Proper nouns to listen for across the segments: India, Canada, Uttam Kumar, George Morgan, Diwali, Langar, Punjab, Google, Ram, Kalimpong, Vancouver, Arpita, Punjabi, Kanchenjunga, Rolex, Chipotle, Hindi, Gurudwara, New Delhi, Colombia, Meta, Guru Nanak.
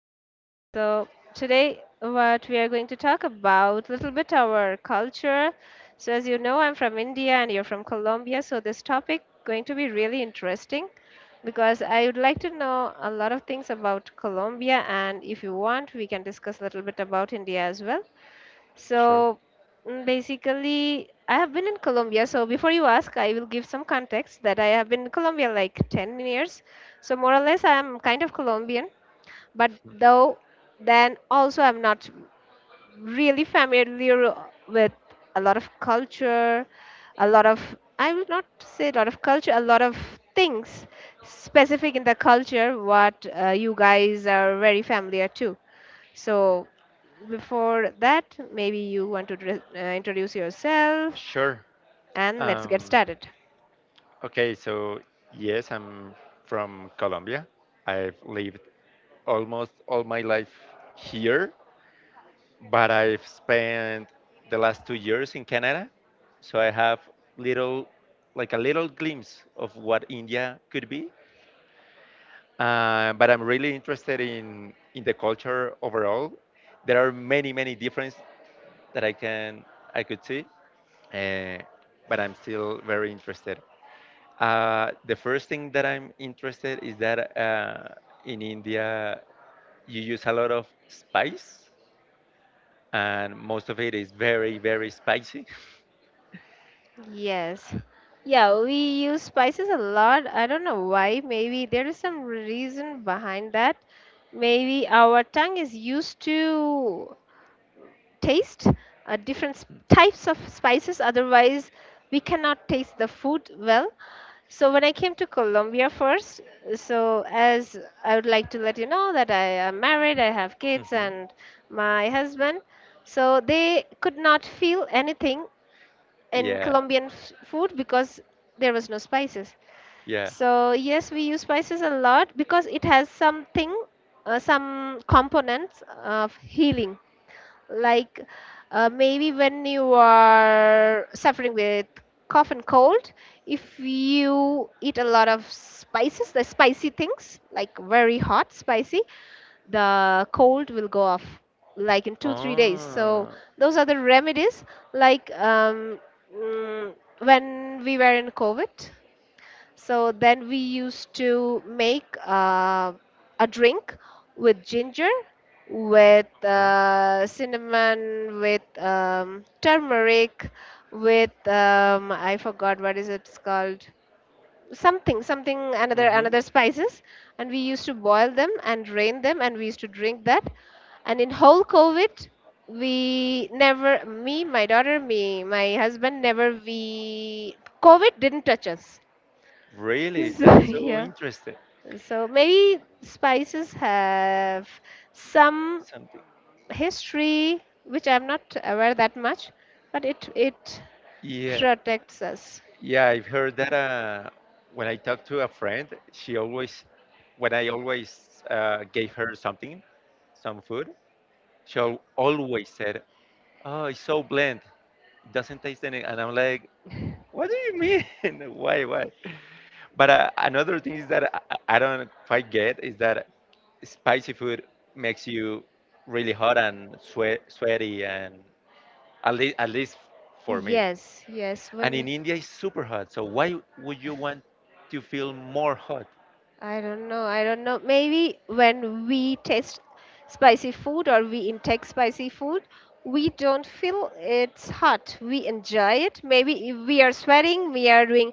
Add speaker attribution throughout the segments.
Speaker 1: really good. Today, what we are going to talk about, a little bit our culture. So as you know, I'm from India and you're from Colombia. So this topic going to be really interesting because I would like to know a lot of things about Colombia. And if you want, we can discuss a little bit about India as well.
Speaker 2: Sure.
Speaker 1: So Basically, I have been in Colombia. So before you ask, I will give some context that I have been in Colombia like 10 years. So more or less, I am kind of Colombian, but though then also I'm not really familiar with a lot of culture, a lot of, I will not say a lot of culture, a lot of things specific in the culture what you guys are very familiar to. So, before that, maybe you want to introduce yourself
Speaker 2: Sure.
Speaker 1: and let's get
Speaker 2: Um,
Speaker 1: started.
Speaker 2: okay, so yes, I'm from Colombia. I've lived almost all my life here, but I've spent the last 2 years in Canada. So I have little, like a little glimpse of what India could be. But I'm really interested in the culture overall. There are many differences that I could see. uh, but I'm still very interested. The first thing that I'm interested is that in India you use a lot of spice, and most of it is very spicy.
Speaker 1: Yes. Yeah, we use spices a lot. I don't know why. Maybe there is some reason behind that. Maybe our tongue is used to taste different types of spices. Otherwise, we cannot taste the food well. So when I came to Colombia first, so as I would like to let you know that I am married, I have kids
Speaker 2: Mhm.
Speaker 1: and my husband. So they could not feel anything in
Speaker 2: Yeah,
Speaker 1: Colombian food because there was no spices.
Speaker 2: yeah.
Speaker 1: So yes, we use spices a lot because it has something, some components of healing like maybe when you are suffering with cough and cold, if you eat a lot of spices, the spicy things like very hot spicy, the cold will go off like in 2 3 days. So
Speaker 2: Oh.
Speaker 1: those are the remedies like mm, when we were in covid, so then we used to make a drink with ginger, with
Speaker 2: Oh.
Speaker 1: cinnamon, with turmeric, with I forgot what is it's called, something something another
Speaker 2: Mhm.
Speaker 1: another spices, and we used to boil them and drain them and we used to drink that. And in whole covid, we never, me, my daughter, me, my husband, never, we, covid didn't touch us.
Speaker 2: Really?
Speaker 1: So,
Speaker 2: That's so
Speaker 1: yeah.
Speaker 2: interesting.
Speaker 1: So maybe spices have some
Speaker 2: Something.
Speaker 1: history which I'm not aware that much, but it Yeah,
Speaker 2: Yeah,
Speaker 1: protects us.
Speaker 2: yeah, I've heard that when I talk to a friend, she always, when I always gave her something, some food, always said, "Oh, it's so bland. It doesn't taste any." And I'm like, "What do you mean? Why?" But another thing is that I don't quite get is that spicy food makes you really hot and sweaty, and at least for me.
Speaker 1: Yes, yes. And when
Speaker 2: And in
Speaker 1: it,
Speaker 2: India it's super hot. So why would you want to feel more hot?
Speaker 1: I don't know. I don't know. Maybe when we taste spicy food or we intake spicy food, we don't feel it's hot. We enjoy it. Maybe if we are sweating, we are doing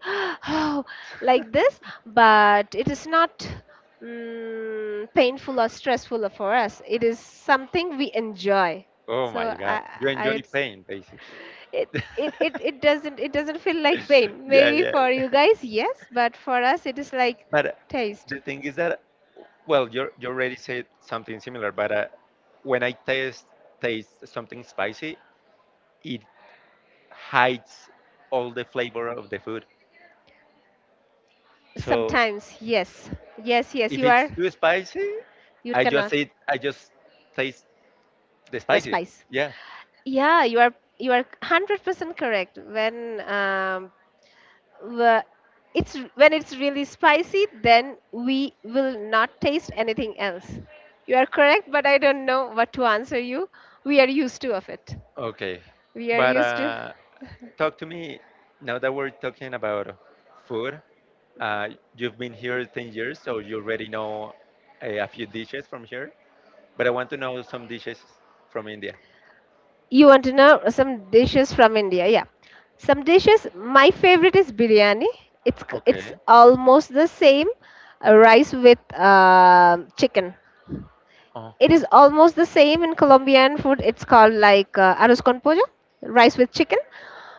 Speaker 1: like this, but it is not painful or stressful for us. It is something we enjoy.
Speaker 2: Oh
Speaker 1: So
Speaker 2: my God, you
Speaker 1: I
Speaker 2: enjoy
Speaker 1: would
Speaker 2: pain basically.
Speaker 1: it it doesn't, it doesn't feel like pain, maybe
Speaker 2: Yeah.
Speaker 1: for you guys yes, but for us it is like
Speaker 2: But
Speaker 1: taste
Speaker 2: the thing is that, well, you already said something similar. But when I taste taste something spicy, it hides all the flavor of the food. So
Speaker 1: sometimes, yes, yes
Speaker 2: if
Speaker 1: you are,
Speaker 2: it's too spicy,
Speaker 1: you
Speaker 2: I just
Speaker 1: cannot,
Speaker 2: eat. I just taste the
Speaker 1: the
Speaker 2: spicy.
Speaker 1: spice,
Speaker 2: Yeah.
Speaker 1: yeah, you are 100% correct when wh- it's, when it's really spicy, then we will not taste anything else. You are correct, but I don't know what to answer you. We are used to of it.
Speaker 2: Okay.
Speaker 1: We are
Speaker 2: But
Speaker 1: used to.
Speaker 2: talk to me now that we're talking about food. Uh, you've been here 10 years, so you already know a few dishes from here. But I want to know some dishes from India.
Speaker 1: You want to know some dishes from India? Yeah, some dishes. My favorite is biryani. It's it's
Speaker 2: Okay.
Speaker 1: almost the same, rice with chicken. It
Speaker 2: Uh-huh.
Speaker 1: is almost the same in Colombian food. It's called like arroz con pollo, rice with chicken,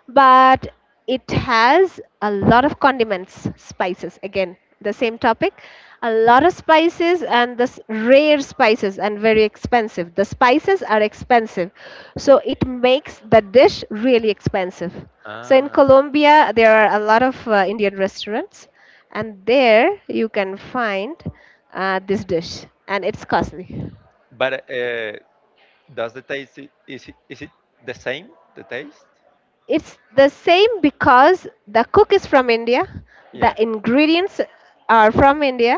Speaker 1: but it has a lot of condiments, spices. Again, the same topic. A lot of spices and this rare spices and very expensive. The spices are expensive, so it makes the dish really expensive. So in
Speaker 2: Ah.
Speaker 1: Colombia, there are a lot of Indian restaurants, and there you can find this dish, and it's costly.
Speaker 2: But does the is it the same? The taste?
Speaker 1: It's the same because the cook is from India, the
Speaker 2: Yeah.
Speaker 1: ingredients are from India,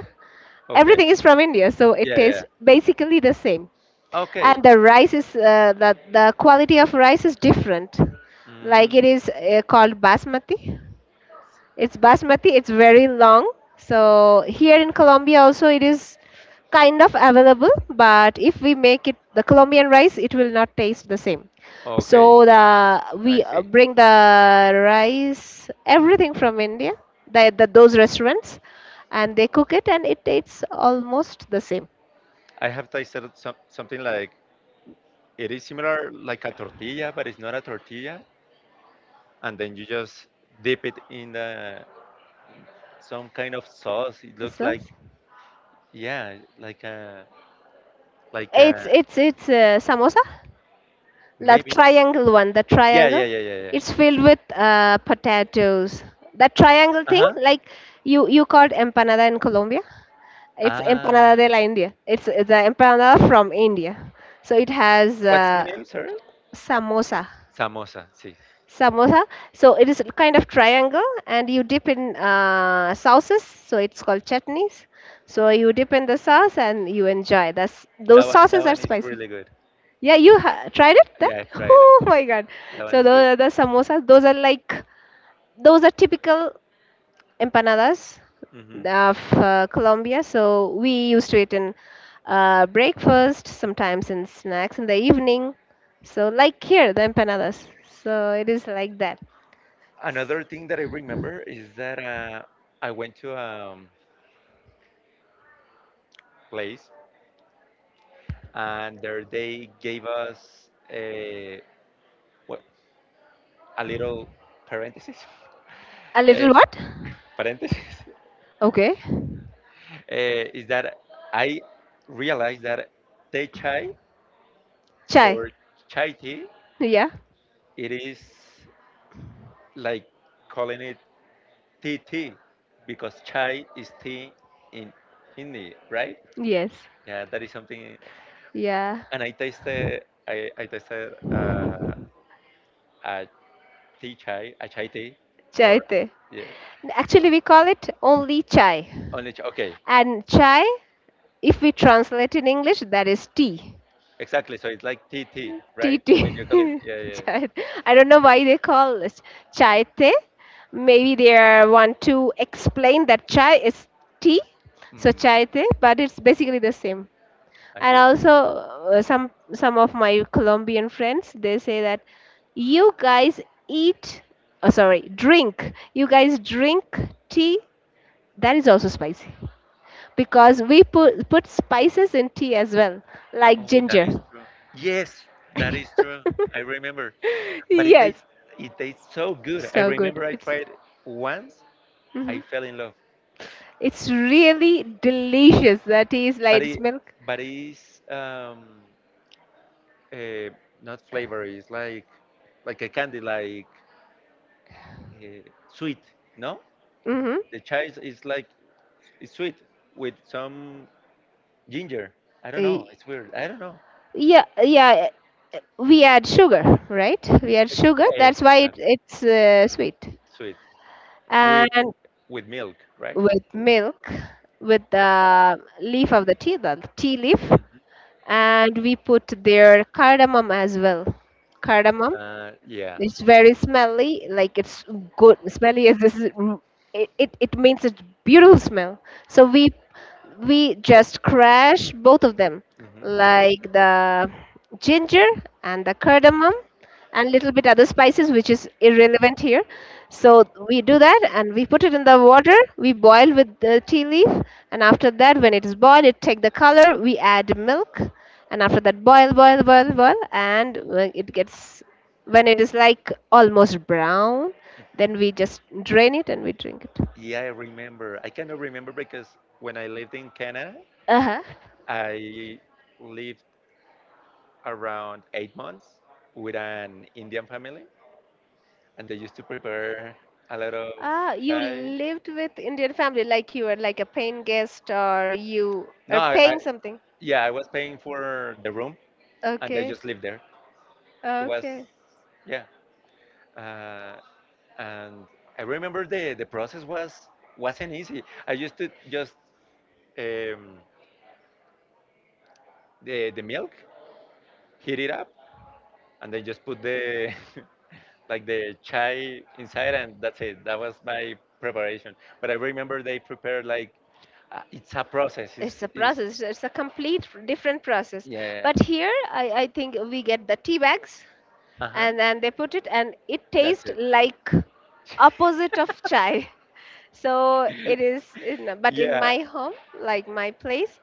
Speaker 2: Okay.
Speaker 1: everything is from India, so it
Speaker 2: Yeah. Yeah.
Speaker 1: tastes basically the same.
Speaker 2: Okay.
Speaker 1: And the rice is the quality of rice is different. Like it
Speaker 2: Mm.
Speaker 1: is called basmati. It's basmati, it's very long. So here in Colombia also it is kind of available, but if we make it the Colombian rice, it will not taste the same.
Speaker 2: Okay,
Speaker 1: So the
Speaker 2: I
Speaker 1: we
Speaker 2: see.
Speaker 1: bring the rice, everything from India, the those restaurants, and they cook it, and it tastes almost the same.
Speaker 2: I have tasted some, something like it is similar like a tortilla, but it's not a tortilla. And then you just dip it in the, some kind of sauce. It looks
Speaker 1: So
Speaker 2: like yeah, like a
Speaker 1: it's samosa. The
Speaker 2: maybe.
Speaker 1: triangle one, the
Speaker 2: Yeah,
Speaker 1: triangle
Speaker 2: yeah, yeah, yeah, yeah.
Speaker 1: It's filled with potatoes, that triangle
Speaker 2: Uh
Speaker 1: thing,
Speaker 2: huh.
Speaker 1: like you called empanada in Colombia. It's
Speaker 2: Ah,
Speaker 1: empanada de la india, it's the empanada from India. So it has
Speaker 2: what's the name, sorry?
Speaker 1: samosa.
Speaker 2: Samosa, sí.
Speaker 1: Samosa. So it is a kind of triangle and you dip in sauces, so it's called chutneys. So you dip in the sauce and you enjoy, that's, those
Speaker 2: That
Speaker 1: sauces are
Speaker 2: one is
Speaker 1: spicy.
Speaker 2: really good.
Speaker 1: Yeah, you tried it then?
Speaker 2: Yeah, I've tried it.
Speaker 1: Oh my god.
Speaker 2: That one
Speaker 1: So
Speaker 2: is
Speaker 1: those
Speaker 2: good.
Speaker 1: are the samosas. Those are like those are typical empanadas
Speaker 2: Hmm.
Speaker 1: of Colombia. So we used to eat in breakfast, sometimes in snacks in the evening. So like here, the empanadas. So it is like that.
Speaker 2: Another thing that I remember is that I went to a place and there they gave us a, well, a little parenthesis.
Speaker 1: A
Speaker 2: Eh,
Speaker 1: little what?
Speaker 2: parenthesis.
Speaker 1: Okay.
Speaker 2: Eh, is that I realized that they chai
Speaker 1: Chai.
Speaker 2: or chai tea.
Speaker 1: Yeah.
Speaker 2: It is like calling it tea tea because chai is tea in Hindi, right?
Speaker 1: Yes.
Speaker 2: Yeah, that is something.
Speaker 1: Yeah.
Speaker 2: And I tasted, I tasted a tea chai, a chai tea,
Speaker 1: Chai
Speaker 2: or
Speaker 1: te.
Speaker 2: yeah,
Speaker 1: Actually, we call it only chai.
Speaker 2: only chai. Okay,
Speaker 1: And chai, if we translate in English, that is tea.
Speaker 2: exactly. So it's like tea tea,
Speaker 1: Tea,
Speaker 2: right? When
Speaker 1: tea.
Speaker 2: you call it, yeah.
Speaker 1: Chai. I don't know why they call this chai te. Maybe they are want to explain that chai is tea. So
Speaker 2: Mm,
Speaker 1: chai te, but it's basically the same.
Speaker 2: I
Speaker 1: And
Speaker 2: see.
Speaker 1: also some of my Colombian friends, they say that you guys eat, oh, sorry, drink, you guys drink tea that is also spicy because we put spices in tea as well, like
Speaker 2: Oh, that
Speaker 1: ginger.
Speaker 2: is true. Yes, that is true. I remember. But
Speaker 1: Yes,
Speaker 2: it tastes so good. I
Speaker 1: so good.
Speaker 2: remember I
Speaker 1: It's,
Speaker 2: tried once. I
Speaker 1: mhm,
Speaker 2: fell in love,
Speaker 1: it's really delicious. That tea is
Speaker 2: but
Speaker 1: like it's
Speaker 2: it
Speaker 1: milk.
Speaker 2: but it's uh, not flavor. It's like a candy, like uh, sweet. No,
Speaker 1: Hmm.
Speaker 2: the chives is like it's sweet with some ginger. I don't
Speaker 1: Uh,
Speaker 2: know. It's weird. I don't know.
Speaker 1: yeah, yeah. We add sugar, right? We add
Speaker 2: It's
Speaker 1: sugar.
Speaker 2: exactly
Speaker 1: That's why it's sweet.
Speaker 2: sweet with
Speaker 1: And
Speaker 2: milk, right?
Speaker 1: with milk, with the leaf of the tea leaf,
Speaker 2: Mhm.
Speaker 1: and we put their cardamom as well. Cardamom,
Speaker 2: Yeah.
Speaker 1: it's very smelly, like it's good smelly as this is, it means it's beautiful smell. So we just crash both of them,
Speaker 2: Hmm.
Speaker 1: like the ginger and the cardamom and little bit other spices which is irrelevant here. So we do that and we put it in the water, we boil with the tea leaf. And after that, when it is boiled, it take the color, we add milk. And after that, boil, and when it gets, when it is like almost brown,
Speaker 2: Hmm.
Speaker 1: then we just drain it and we drink it.
Speaker 2: Yeah, I remember. I cannot remember because when I lived in Canada,
Speaker 1: Uh-huh.
Speaker 2: I lived around 8 months with an Indian family, and they used to prepare a lot of
Speaker 1: Ah, you
Speaker 2: chai.
Speaker 1: lived with Indian family, like you were like a paying guest, or you
Speaker 2: No,
Speaker 1: are
Speaker 2: I, I
Speaker 1: paying something?
Speaker 2: yeah, I was paying for the room, and I
Speaker 1: Okay.
Speaker 2: just lived there. It was
Speaker 1: Okay.
Speaker 2: yeah, uh, and I remember the process was wasn't easy. I used to just um, the milk, heat it up, and then just put the like the chai inside, and that's it. That was my preparation. But I remember they prepared like it's a process.
Speaker 1: It's a
Speaker 2: It's
Speaker 1: process. It's a complete different process.
Speaker 2: yeah.
Speaker 1: But here, I think we get the tea bags,
Speaker 2: Uh huh.
Speaker 1: and then they put it, and it
Speaker 2: That's
Speaker 1: tastes
Speaker 2: it.
Speaker 1: like opposite of chai. So it is, in, but in
Speaker 2: Yeah.
Speaker 1: my home, like my place,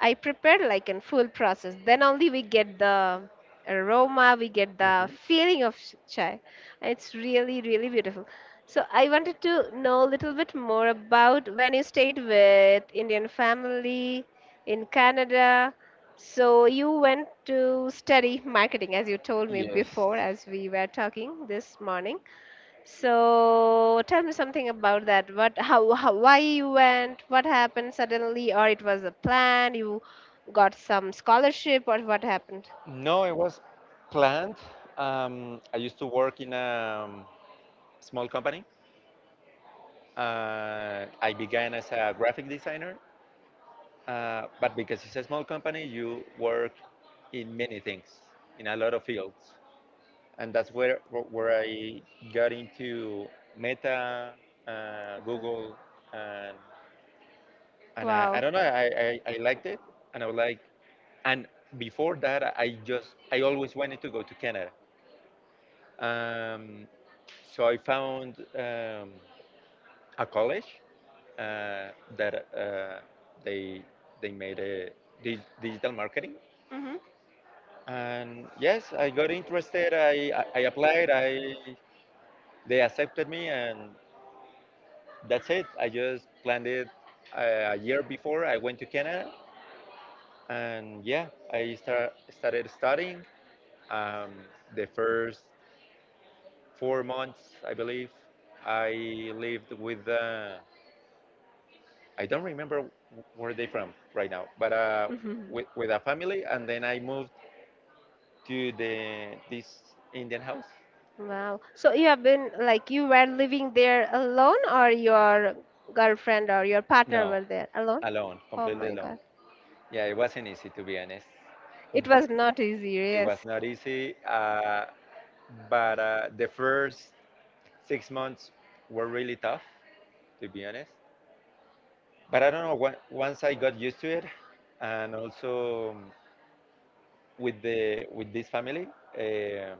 Speaker 1: I prepare like in full process. Then only we get the aroma, we get the
Speaker 2: Mhm.
Speaker 1: feeling of chai. It's really, really beautiful. So I wanted to know a little bit more about when you stayed with Indian family in Canada. So you went to study marketing, as you told me
Speaker 2: Yes.
Speaker 1: before, as we were talking this morning. So tell me something about that. What, how, why you went? What happened suddenly? Or it was a plan? You got some scholarship, or what happened?
Speaker 2: No, it was planned. I used to work in a small company. I began as a graphic designer. But because it's a small company, you work in many things, in a lot of fields. And that's where I got into Meta,
Speaker 1: What the-
Speaker 2: Google, and, and I
Speaker 1: Wow.
Speaker 2: don't know, I liked it. And I was like, and before that, I just, I always wanted to go to Canada. Um, so I found a college uh, that they, they made a digital marketing.
Speaker 1: Mhm.
Speaker 2: And yes, I got interested. I applied. I they accepted me, and that's it. I just planned it a year before I went to Canada, and yeah, started studying. Um, the first 4 months, I believe, I lived with. I don't remember where they from right now, but
Speaker 1: Mhm.
Speaker 2: with a family, and then I moved to the this Indian house.
Speaker 1: Wow. So you have been like you were living there alone, or your girlfriend or your partner were
Speaker 2: No,
Speaker 1: there alone?
Speaker 2: alone,
Speaker 1: Oh
Speaker 2: completely
Speaker 1: my
Speaker 2: alone.
Speaker 1: God.
Speaker 2: Yeah, it wasn't easy to be honest.
Speaker 1: It was not easy,
Speaker 2: It was
Speaker 1: yes.
Speaker 2: not easy, but the first 6 months were really tough, to be honest. But I don't know. Once I got used to it, and also with this family, um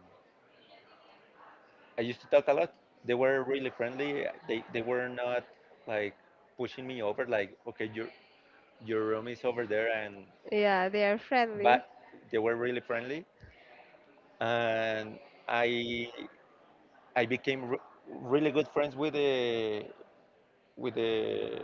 Speaker 2: I used to talk a lot. They were really friendly. They were not like pushing me over. Like okay, your room is over there, and
Speaker 1: Yeah, they are friendly.
Speaker 2: but they were really friendly. And I I became re- really good friends with the with the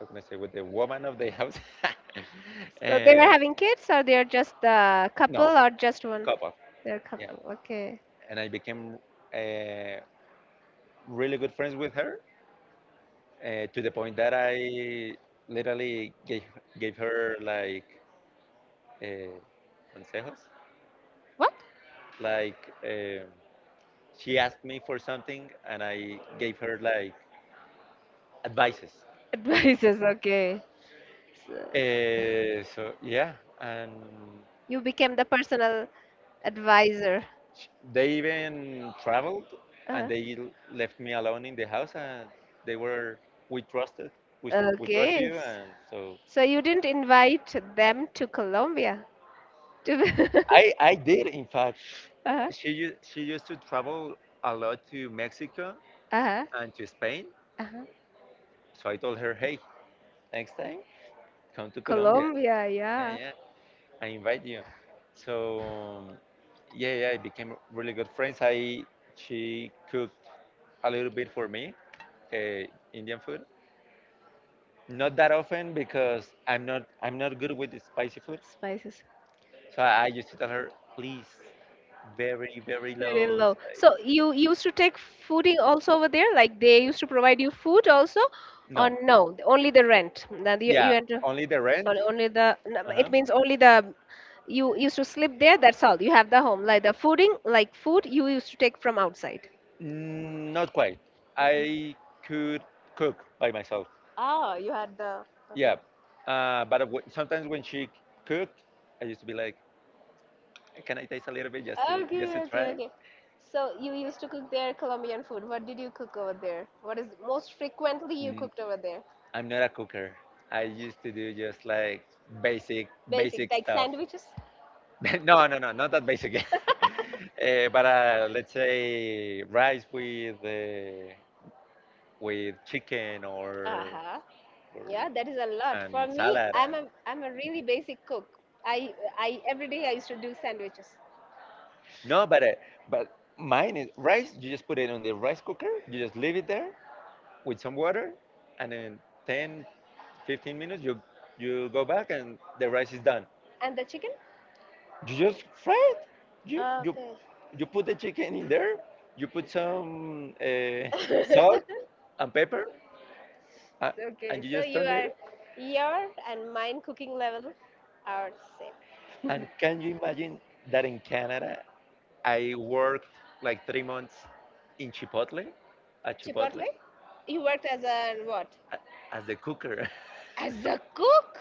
Speaker 2: how can I say with the woman of the house.
Speaker 1: So they are
Speaker 2: uh,
Speaker 1: having kids, or they are just a couple,
Speaker 2: no,
Speaker 1: or just one?
Speaker 2: couple.
Speaker 1: They're a
Speaker 2: Yeah,
Speaker 1: couple. Okay.
Speaker 2: and I became uh, really good friends with her to the point that I literally gave her like uh, consejos.
Speaker 1: What?
Speaker 2: Like she asked me for something, and I gave her like advices.
Speaker 1: Advisors. Okay. So
Speaker 2: So yeah, and
Speaker 1: you became the personal advisor.
Speaker 2: they even traveled and
Speaker 1: Uh-huh.
Speaker 2: they left me alone in the house and they were we trusted we trust
Speaker 1: Okay.
Speaker 2: you and so
Speaker 1: So you didn't invite them to Colombia. To
Speaker 2: I did in fact.
Speaker 1: uh-huh.
Speaker 2: She used to
Speaker 1: Traveled.
Speaker 2: travel a lot to Mexico
Speaker 1: Uh-huh.
Speaker 2: and to
Speaker 1: To Spain.
Speaker 2: Spain.
Speaker 1: Uh-huh.
Speaker 2: So I told her, hey, next time come to Colombia.
Speaker 1: Colombia, yeah.
Speaker 2: Yeah, I invite you. So yeah, I became really good friends. I she cooked a little bit for me, uh, Indian food. Not that often because I'm not good with the spicy food.
Speaker 1: Spices.
Speaker 2: So I used to tell her, please, very
Speaker 1: Very very
Speaker 2: low
Speaker 1: low. So
Speaker 2: spice.
Speaker 1: you used to take fooding also over there? Like they used to provide you food also? Or
Speaker 2: No.
Speaker 1: no, only the rent? That you
Speaker 2: Yeah,
Speaker 1: yeah, had to,
Speaker 2: only
Speaker 1: only
Speaker 2: the
Speaker 1: the rent.
Speaker 2: rent.
Speaker 1: Only the, no,
Speaker 2: Uh-huh.
Speaker 1: it means only the, you used to sleep there, that's all. You have the home. Like the fooding, like food, you used to take from outside.
Speaker 2: Mm, not quite. I could cook by myself.
Speaker 1: Ah, you had the. Yeah.
Speaker 2: Yeah.
Speaker 1: Okay.
Speaker 2: But w sometimes when she cooked, I used to be like, can I taste a little bit
Speaker 1: Okay,
Speaker 2: just to
Speaker 1: okay,
Speaker 2: try?
Speaker 1: okay. So you used to cook there Colombian food. What did you cook over there? What is most frequently you
Speaker 2: Mm,
Speaker 1: cooked over there?
Speaker 2: I'm not a cooker. I used to do just like basic
Speaker 1: Basic,
Speaker 2: basic
Speaker 1: like
Speaker 2: stuff.
Speaker 1: sandwiches.
Speaker 2: No, no, not that basic. But let's say rice with chicken
Speaker 1: Uh huh.
Speaker 2: or
Speaker 1: Yeah, that is a lot.
Speaker 2: and
Speaker 1: For me,
Speaker 2: salad
Speaker 1: I'm a
Speaker 2: and
Speaker 1: really basic cook. I I every day I used to do sandwiches.
Speaker 2: no, but mine is rice. You just put it on the rice cooker. You just leave it there with some water, and then 10, 15 minutes, you go back and the rice is done.
Speaker 1: And the chicken?
Speaker 2: You just fry it. You you
Speaker 1: Okay.
Speaker 2: you put the chicken in there. You put some salt and pepper, uh,
Speaker 1: Okay,
Speaker 2: and you
Speaker 1: so
Speaker 2: just
Speaker 1: you
Speaker 2: turn
Speaker 1: are,
Speaker 2: it.
Speaker 1: your and mine cooking level are same.
Speaker 2: And can you imagine that in Canada, I worked like 3 months in Chipotle, at Chipotle,
Speaker 1: Chipotle, you worked as a what?
Speaker 2: as the cooker.
Speaker 1: As a cook?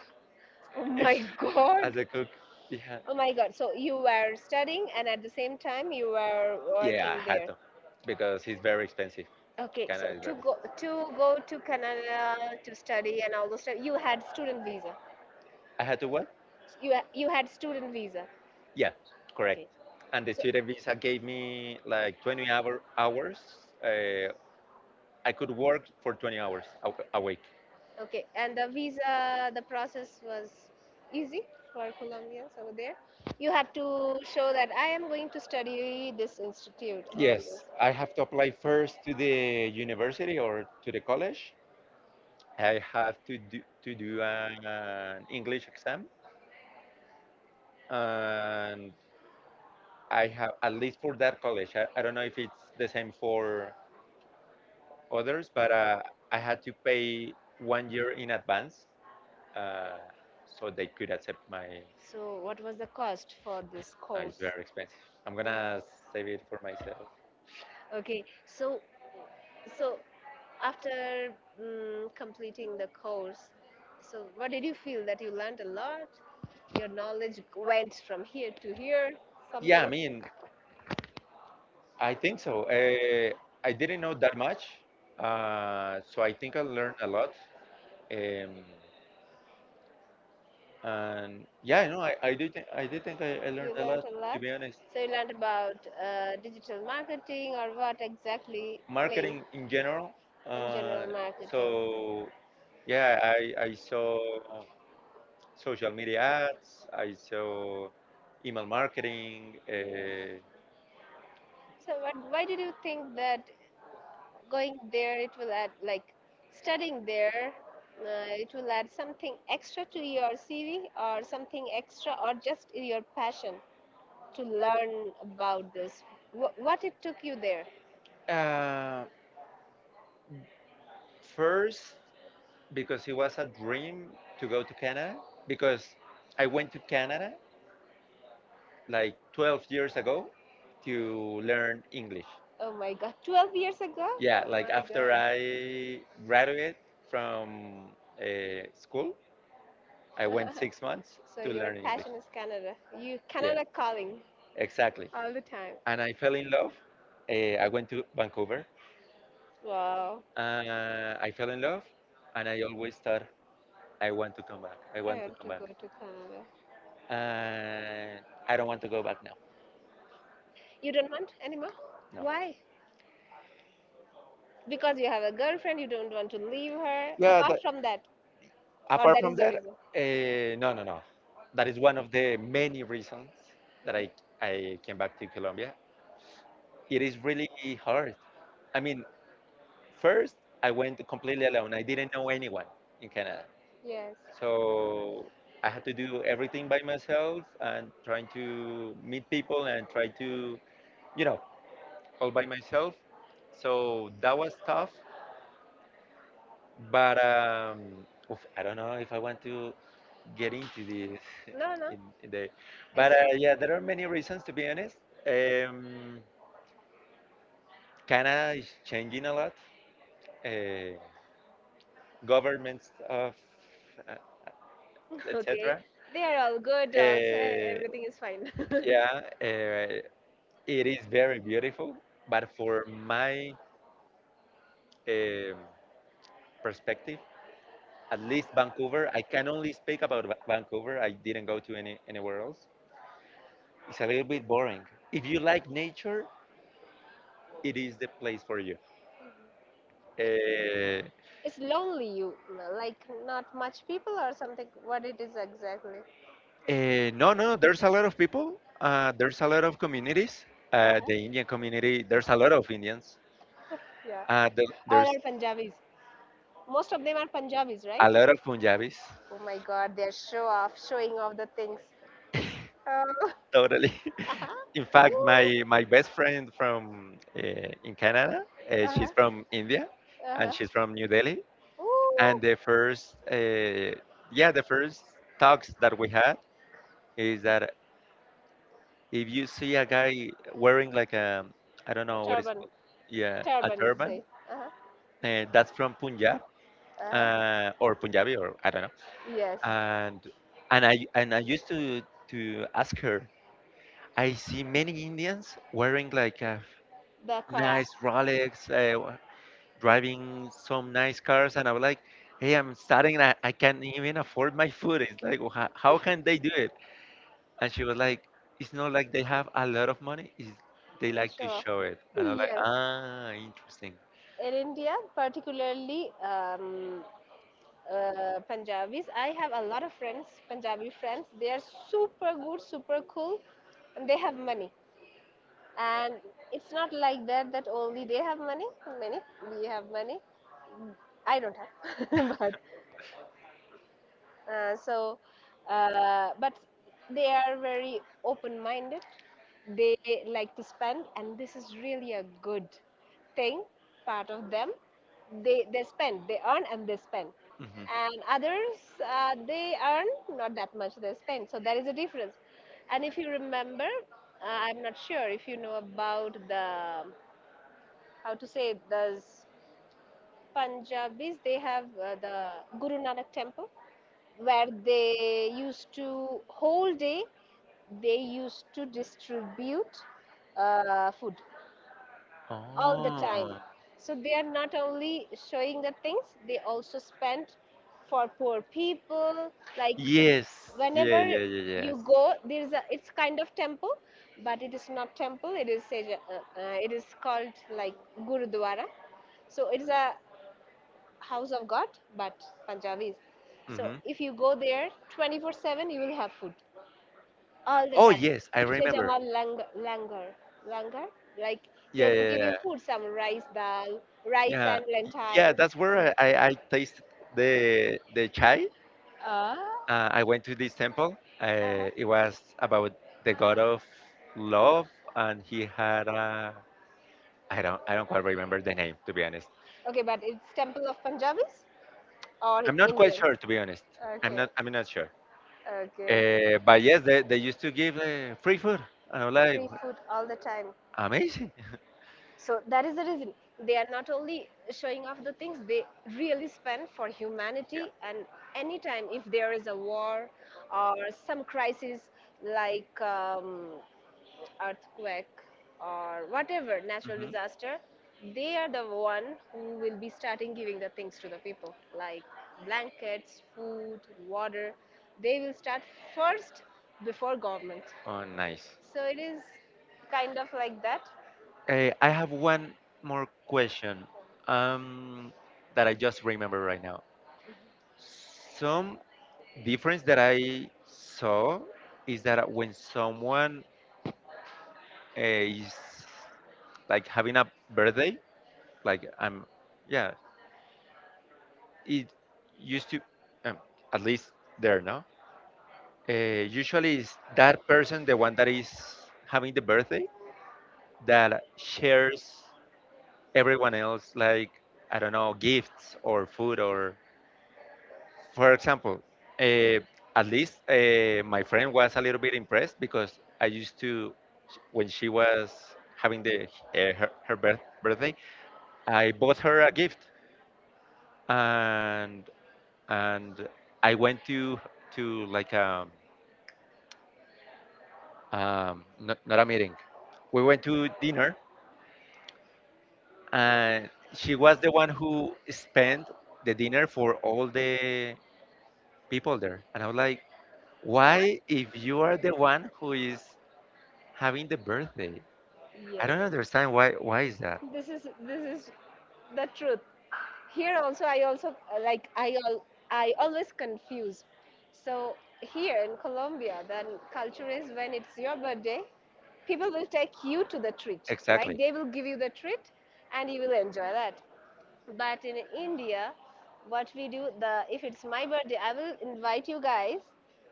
Speaker 1: Oh my
Speaker 2: As
Speaker 1: god.
Speaker 2: a cook, yeah.
Speaker 1: Oh my god. So you were studying and at the same time you were
Speaker 2: Yeah, I
Speaker 1: working
Speaker 2: had
Speaker 1: there.
Speaker 2: to, because it's very expensive.
Speaker 1: Okay, so
Speaker 2: Canada is
Speaker 1: to
Speaker 2: very.
Speaker 1: go to go to Canada to study and all those stuff, you had student visa.
Speaker 2: I had to what?
Speaker 1: You had student visa.
Speaker 2: Yeah, correct.
Speaker 1: Okay.
Speaker 2: And the
Speaker 1: So
Speaker 2: student visa gave me like 20 hours. Uh, I could work for 20 hours a week.
Speaker 1: okay, and the visa, the process was easy for Colombians over there. You have to show that I am going to study this institute and this.
Speaker 2: Yes, I have to apply first to the university or to the college, I have to to do an English exam, and I have at least for that college. I don't know if it's the same for others, but I had to pay one year in advance, uh, so they could accept my.
Speaker 1: So, what was the cost for this
Speaker 2: It's
Speaker 1: course?
Speaker 2: very expensive. I'm
Speaker 1: Uh,
Speaker 2: gonna save it for myself.
Speaker 1: Okay, so so after completing the course, so what did you feel that you learned a lot? Your knowledge went from here to here,
Speaker 2: Yeah,
Speaker 1: yeah,
Speaker 2: I
Speaker 1: something.
Speaker 2: mean, I think so. I didn't know that much, so I think I learned a lot. Um, And yeah, you know, I do think I
Speaker 1: You
Speaker 2: learned a
Speaker 1: learned
Speaker 2: lot
Speaker 1: a lot.
Speaker 2: to be honest.
Speaker 1: So you learned about digital marketing or what exactly? Maybe
Speaker 2: Marketing in general.
Speaker 1: in general
Speaker 2: Uh,
Speaker 1: marketing.
Speaker 2: so yeah, I saw social media ads. I saw email marketing.
Speaker 1: So what, why did you think that going there it will add like studying there it will add something extra to your CV or something extra or just your passion to learn about this? What it took you there?
Speaker 2: Uh, first, because it was a dream to go to Canada. Because I went to Canada like 12 years ago to learn English.
Speaker 1: Oh my God, 12 years ago? Oh
Speaker 2: Yeah, like
Speaker 1: my
Speaker 2: after
Speaker 1: God.
Speaker 2: I graduated from school, I went 6 months
Speaker 1: So
Speaker 2: to
Speaker 1: your
Speaker 2: learn English.
Speaker 1: passion is Canada. You
Speaker 2: Yeah,
Speaker 1: Canada calling
Speaker 2: exactly.
Speaker 1: all the time.
Speaker 2: And I fell in love. I went to Vancouver.
Speaker 1: Wow.
Speaker 2: I fell in love, and I always thought I want to come back. I
Speaker 1: I
Speaker 2: want to
Speaker 1: want to
Speaker 2: come back.
Speaker 1: go to Canada.
Speaker 2: And I don't want to go back now.
Speaker 1: You don't want anymore?
Speaker 2: No.
Speaker 1: Why? Because you have a girlfriend, you don't want to leave her.
Speaker 2: Yeah.
Speaker 1: Apart
Speaker 2: That,
Speaker 1: from that, or
Speaker 2: apart
Speaker 1: that is
Speaker 2: from
Speaker 1: the
Speaker 2: that,
Speaker 1: reason.
Speaker 2: no. That is one of the many reasons that I came back to Colombia. It is really hard. I mean, first I went completely alone. I didn't know anyone in Canada,
Speaker 1: Yes.
Speaker 2: so I had to do everything by myself and trying to meet people and try to, you know, all by myself. So that was tough. But oof, I don't know if I want to get into this
Speaker 1: I no, no,
Speaker 2: in the.
Speaker 1: it's
Speaker 2: But
Speaker 1: but
Speaker 2: yeah, there
Speaker 1: not.
Speaker 2: are many reasons to be honest. Um, Canada is changing a lot. Uh, governments of uh,
Speaker 1: Okay,
Speaker 2: etc.
Speaker 1: they are all good. Also,
Speaker 2: Uh,
Speaker 1: everything is fine.
Speaker 2: yeah, it is very beautiful, but for my um, perspective, at least Vancouver. I can only speak about Vancouver. I didn't go to anywhere else. It's a little bit boring. If you like nature, it is the place for you. Uh,
Speaker 1: It's lonely, you like not much people or something. What it is exactly?
Speaker 2: no, no, there's a lot of people. There's a lot of communities. The Indian community, there's a lot of Indians.
Speaker 1: Yeah. All
Speaker 2: There's
Speaker 1: are Punjabis. Most of them are Punjabis, right?
Speaker 2: a lot of Punjabis,
Speaker 1: Oh my God, they're show off, showing off the things. Oh.
Speaker 2: totally.
Speaker 1: In
Speaker 2: In
Speaker 1: fact,
Speaker 2: fact, my
Speaker 1: ooh.
Speaker 2: my best friend from in Canada,
Speaker 1: Uh-huh.
Speaker 2: she's from India,
Speaker 1: Uh-huh.
Speaker 2: and she's from New Delhi. And
Speaker 1: Ooh.
Speaker 2: the first talks that we had is that if you see a guy wearing like a, I
Speaker 1: And
Speaker 2: don't know what is,
Speaker 1: turban.
Speaker 2: yeah, a
Speaker 1: Turban, turban.
Speaker 2: turban,
Speaker 1: Say. Uh-huh.
Speaker 2: that's from Punjab,
Speaker 1: Uh-huh.
Speaker 2: or Punjabi, or I don't know.
Speaker 1: Yes.
Speaker 2: And I used to ask her, I see many Indians wearing like a
Speaker 1: The Kara.
Speaker 2: nice Rolex, driving some nice cars, and I'm like, hey, I'm starting, and I can't even afford my food. It's like, how can they do it?" And she was like, it's not like they have a lot of money, it's, they
Speaker 1: And
Speaker 2: like to
Speaker 1: show
Speaker 2: show it. And I'm like,
Speaker 1: yes.
Speaker 2: ah, interesting.
Speaker 1: In India, particularly Punjabis. I have a lot of friends, Punjabi friends. They are super good, super cool, and they have money. And it's not like that only they have money. Many we have money. I don't have, but so, but they are very open minded. They like to spend, and this is really a good thing, part of them. They spend, they earn and they spend.
Speaker 2: Hmm.
Speaker 1: And others, they earn not that much, they spend. So, there is a difference. And if you remember, I'm not sure if you know about the, how to say, this Punjabis, they have the Guru Nanak temple where they used to, whole day, they used to distribute food all the time.
Speaker 2: Oh.
Speaker 1: So they are not only showing the things, they also spend for poor people. Like
Speaker 2: Yes. Yeah,
Speaker 1: whenever
Speaker 2: yeah, yeah,
Speaker 1: you
Speaker 2: yes.
Speaker 1: go, there is a, it's kind of temple, but it is not temple. It is, it is called like Gurudwara. So it is a house of God, but Punjabis. So
Speaker 2: Mm-hmm.
Speaker 1: if you go there 24/7, you will have food all the
Speaker 2: Oh,
Speaker 1: time.
Speaker 2: yes, I
Speaker 1: Say
Speaker 2: remember.
Speaker 1: Langar. Langar? Like they
Speaker 2: Yeah,
Speaker 1: will
Speaker 2: yeah,
Speaker 1: give you
Speaker 2: yeah.
Speaker 1: food, some rice dal, rice and
Speaker 2: Yeah,
Speaker 1: lentils.
Speaker 2: that's where I tasted the chai.
Speaker 1: Ah.
Speaker 2: I went to this temple. It
Speaker 1: Uh-huh.
Speaker 2: was about the god of love, and he had a I don't quite remember the name, to be honest.
Speaker 1: Okay, but it's temple of Punjabis or
Speaker 2: I'm not quite
Speaker 1: Indians?
Speaker 2: sure, to be honest. I'm
Speaker 1: Okay,
Speaker 2: not. I'm not sure.
Speaker 1: okay.
Speaker 2: But yes, they used to give free food, and I'm like,
Speaker 1: Free food all the time.
Speaker 2: amazing.
Speaker 1: So that is the reason they are not only showing off the things, they really spend for
Speaker 2: Yeah.
Speaker 1: humanity, and anytime if there is a war or some crisis like earthquake or whatever natural
Speaker 2: Mhm.
Speaker 1: disaster, they are the one who will be starting giving the things to the people like blankets, food, water. They will start first before government,
Speaker 2: Oh, nice.
Speaker 1: so it is kind of like that.
Speaker 2: I have one more question, um, that I just remember right now. Some difference that I saw is that when someone is like having a birthday, like I'm yeah it used to um, at least there no uh, usually is that person, the one that is having the birthday, that shares everyone else like, I don't know, gifts or food. Or, for example, uh, at least my friend was a little bit impressed because I used to, when she was having the birthday, I bought her a gift, and and I went to like not, not a meeting. We went to dinner, and she was the one who spent the dinner for all the people there. And I was like, why, if you are the one who is having the birthday, I
Speaker 1: Yes,
Speaker 2: don't understand why. Why is that?
Speaker 1: this is the truth. Here also I also I always confuse. So here in Colombia, then culture is when it's your birthday, people will take you to the treat, like exactly,
Speaker 2: Exactly.
Speaker 1: they will give you the treat and you will enjoy that. But in India, what we do, the if it's my birthday, I will invite you guys,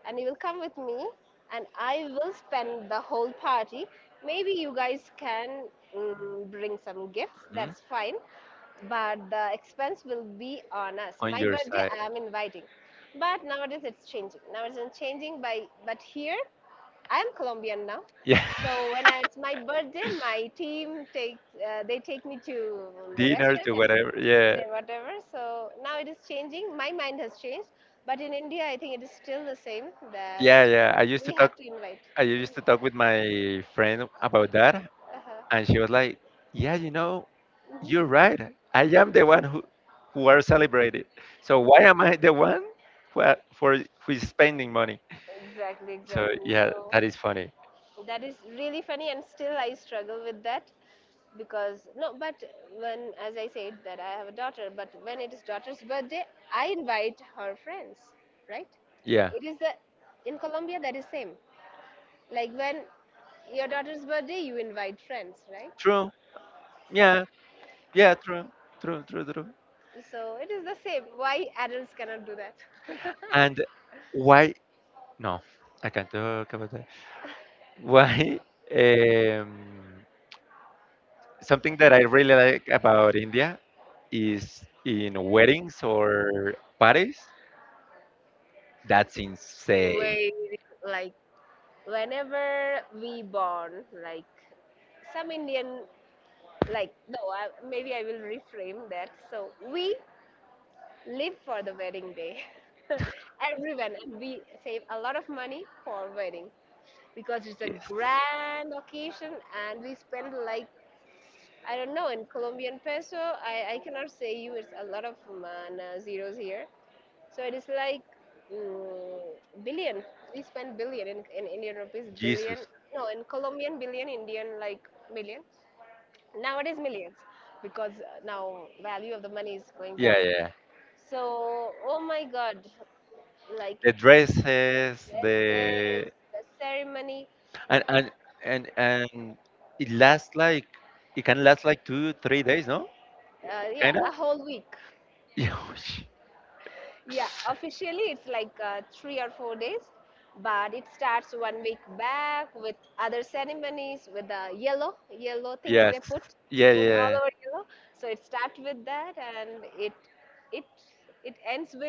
Speaker 1: and you will come with me, and I will spend the whole party. Maybe you guys can bring some gifts.
Speaker 2: Mhm.
Speaker 1: That's fine, but the expense will be on us.
Speaker 2: On
Speaker 1: My
Speaker 2: your
Speaker 1: birthday,
Speaker 2: side.
Speaker 1: I am inviting. But nowadays it's changing. Nowadays it's changing by, but here I am Colombian now.
Speaker 2: Yeah.
Speaker 1: So when I, it's my birthday, my team takes they take me to the
Speaker 2: Dinner
Speaker 1: restaurant
Speaker 2: to
Speaker 1: and
Speaker 2: whatever.
Speaker 1: say
Speaker 2: Yeah.
Speaker 1: whatever. So now it is changing. My mind has changed, but in India, I think it is still the same that
Speaker 2: Yeah, yeah.
Speaker 1: we have to invite.
Speaker 2: I used to talk with my friend about that, and
Speaker 1: Uh-huh.
Speaker 2: she was like, "Yeah, you know, you're
Speaker 1: Mhm.
Speaker 2: right. I am the one who are celebrated. So why am I the one who are, for who is spending money?"
Speaker 1: Exactly,
Speaker 2: So
Speaker 1: exactly.
Speaker 2: yeah,
Speaker 1: So,
Speaker 2: that is funny.
Speaker 1: so that is really funny, and still I struggle with that because no, but when, as I said, that I have a daughter, but when it is daughter's birthday, I invite her friends, right?
Speaker 2: Yeah,
Speaker 1: It is the in Colombia that is same. Like when your daughter's birthday, you invite friends, right?
Speaker 2: true.
Speaker 1: So
Speaker 2: Yeah, yeah, true, true, true, true.
Speaker 1: so it is the same. Why adults cannot do that?
Speaker 2: And why? No, I can't talk about that. Why? Um, something that I really like about India is in weddings or parties, that's insane.
Speaker 1: Very like whenever we born, like some Indian, like no, I, maybe I will reframe that. So we live for the wedding day. Everyone, and we save a lot of money for wedding because it's a
Speaker 2: Yes.
Speaker 1: grand occasion, and we spend like I don't know in Colombian peso. I cannot say you it's a lot of zeros here. So it is like billion. We spend billion in Indian rupees, billion.
Speaker 2: Jesus.
Speaker 1: No, in Colombian billion, Indian like million. Nowadays millions, because now value of the money is going down.
Speaker 2: Yeah, yeah, yeah.
Speaker 1: So oh my God, like
Speaker 2: The dresses, the
Speaker 1: the ceremony.
Speaker 2: and and and it lasts like, it can last like 2, 3 days, no?
Speaker 1: Yeah,
Speaker 2: Kinda?
Speaker 1: a whole week.
Speaker 2: Yeah.
Speaker 1: Yeah, officially it's like 3 or 4 days, but it starts one week back with other ceremonies with the yellow things they
Speaker 2: Yes.
Speaker 1: put,
Speaker 2: Yeah,
Speaker 1: put all
Speaker 2: yeah.
Speaker 1: our you. So it starts with that and it it ends with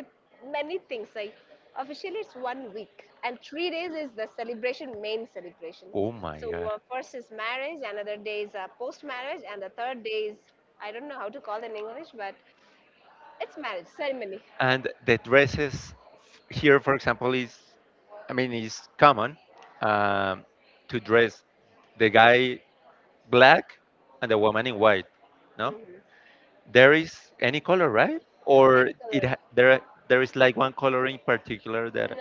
Speaker 1: many things. Like officially it's one week, and 3 days is the celebration main celebration.
Speaker 2: Oh
Speaker 1: So
Speaker 2: my God.
Speaker 1: first is marriage, another day is post marriage, and the third day is I don't know how to call it in English, but it's marriage ceremony.
Speaker 2: And the dresses, here for example, is, I mean, is common, um, to dress the guy black and the woman in white, no?
Speaker 1: Hmm.
Speaker 2: There is any color, right? Or it
Speaker 1: No,
Speaker 2: there, there is like one color in particular that.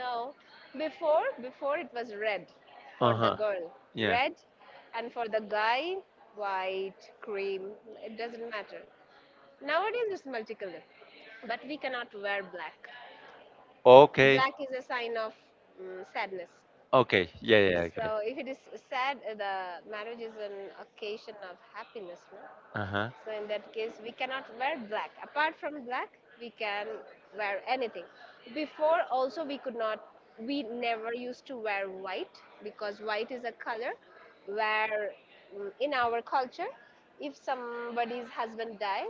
Speaker 1: before it was red for the
Speaker 2: Uh-huh.
Speaker 1: girl,
Speaker 2: Yeah.
Speaker 1: red, and for the guy, white, cream. It doesn't matter. Nowadays it's multicolor, but we cannot wear black.
Speaker 2: Okay.
Speaker 1: Black is a sign of sadness.
Speaker 2: Okay, yeah, yeah, I get
Speaker 1: So
Speaker 2: it.
Speaker 1: if it is sad, the marriage is an occasion of happiness. No?
Speaker 2: Uh-huh.
Speaker 1: So in that case, we cannot wear black. Apart from black, we can wear anything. Before also we could not. We never used to wear white because white is a color where in our culture, if somebody's husband dies,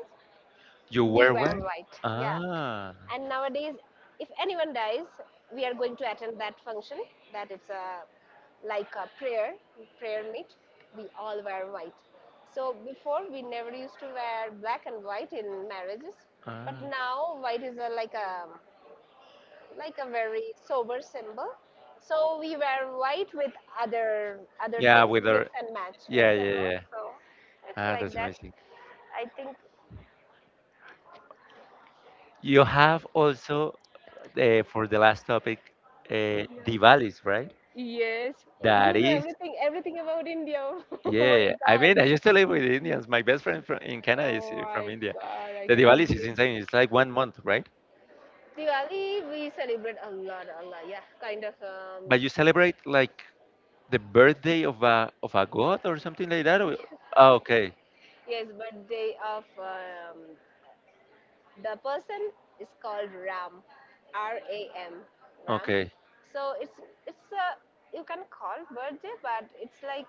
Speaker 2: You
Speaker 1: we
Speaker 2: wear
Speaker 1: wear
Speaker 2: white.
Speaker 1: white. Yeah.
Speaker 2: Ah.
Speaker 1: And nowadays, if anyone dies, we are going to attend that function. That it's a like a prayer, prayer meet. We all wear white. So before we never used to wear black and white in marriages, but
Speaker 2: Ah.
Speaker 1: now white is a, like a like a very sober symbol. So we wear white with other things
Speaker 2: Yeah, with her.
Speaker 1: and match, mix
Speaker 2: Yeah,
Speaker 1: and
Speaker 2: yeah,
Speaker 1: match.
Speaker 2: yeah, yeah.
Speaker 1: So it's
Speaker 2: Ah,
Speaker 1: like
Speaker 2: that's
Speaker 1: that.
Speaker 2: amazing.
Speaker 1: I think.
Speaker 2: You have also, for the last topic,
Speaker 1: Yeah.
Speaker 2: Diwalis, right?
Speaker 1: Yes, oh, you
Speaker 2: That
Speaker 1: know
Speaker 2: is,
Speaker 1: everything, everything about India. Oh
Speaker 2: yeah,
Speaker 1: my
Speaker 2: yeah, yeah. I
Speaker 1: God.
Speaker 2: mean, I used to live with Indians. My best friend from in Canada is
Speaker 1: Oh my
Speaker 2: from India.
Speaker 1: God. I
Speaker 2: The
Speaker 1: cannot
Speaker 2: Diwalis is
Speaker 1: believe it.
Speaker 2: insane. It's like 1 month, right?
Speaker 1: Diwali, we celebrate a lot, a lot. Yeah, kind of.
Speaker 2: But you celebrate like the birthday of a god or something like that. Or, ah, okay.
Speaker 1: Yes, birthday of the person is called Ram, R A M, Ram.
Speaker 2: Okay.
Speaker 1: So it's a you can call birthday, but it's like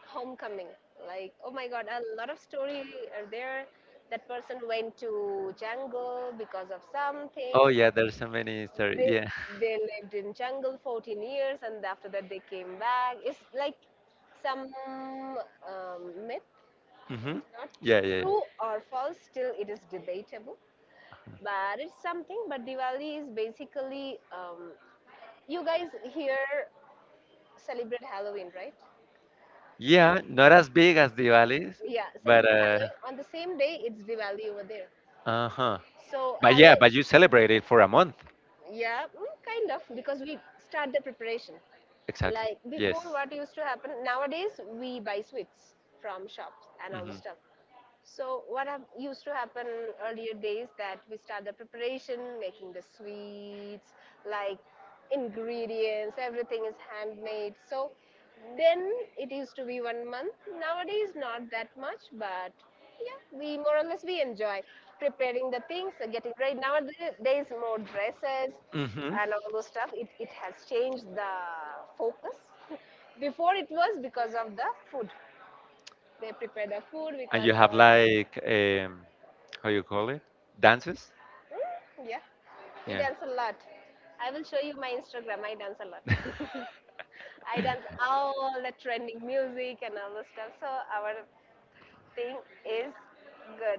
Speaker 1: homecoming. Like oh my God, a lot of story are there. That person went to jungle because of something.
Speaker 2: Oh yeah, there's so many
Speaker 1: they
Speaker 2: stories. Yeah.
Speaker 1: they lived in jungle 14 years, and after that they came back. It's like some myth,
Speaker 2: Hmm.
Speaker 1: not
Speaker 2: Yeah, yeah, yeah.
Speaker 1: true or false, still it is debatable, but it's something. But Diwali is basically you guys here celebrate Halloween, right?
Speaker 2: Yeah, not as big as Diwali's,
Speaker 1: Yeah,
Speaker 2: but
Speaker 1: celebrate Halloween. On the same day it's Diwali over there.
Speaker 2: uh-huh.
Speaker 1: So oh yeah,
Speaker 2: But yeah, but
Speaker 1: Halloween.
Speaker 2: you celebrate it for a month.
Speaker 1: Yeah, kind of, because we start the preparation. Like
Speaker 2: Exactly.
Speaker 1: yes, before,
Speaker 2: Yes.
Speaker 1: what used to happen nowadays, we buy sweets from shops and all the
Speaker 2: Mhm.
Speaker 1: stuff. So what have, used to happen earlier days that we start the preparation, making the sweets, like ingredients, everything is handmade. So then it used to be one month. Nowadays not that much, but yeah, we more or less we enjoy preparing the things, getting ready. Nowadays more dresses
Speaker 2: Mhm.
Speaker 1: and all those stuff. It has changed the focus. Before it was because of the food. They prepare the food because
Speaker 2: And you
Speaker 1: of
Speaker 2: have like, how you call it? Dances?
Speaker 1: mm, yeah. We
Speaker 2: Yeah.
Speaker 1: dance a lot. I will show you my Instagram. I dance a lot. I dance all the trending music and all the stuff. So our thing is good.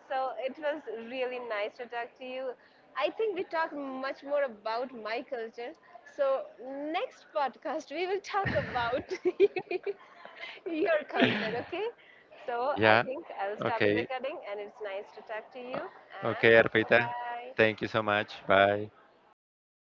Speaker 1: So it was really nice to talk to you. I think we talked much more about my culture. So next podcast we will talk about your culture. Okay. So I think I'll stop the recording and it's nice to talk to
Speaker 2: with you.
Speaker 1: you. And
Speaker 2: Okay,
Speaker 1: bye
Speaker 2: Arpita. Thank
Speaker 1: bye.
Speaker 2: you so much. Bye.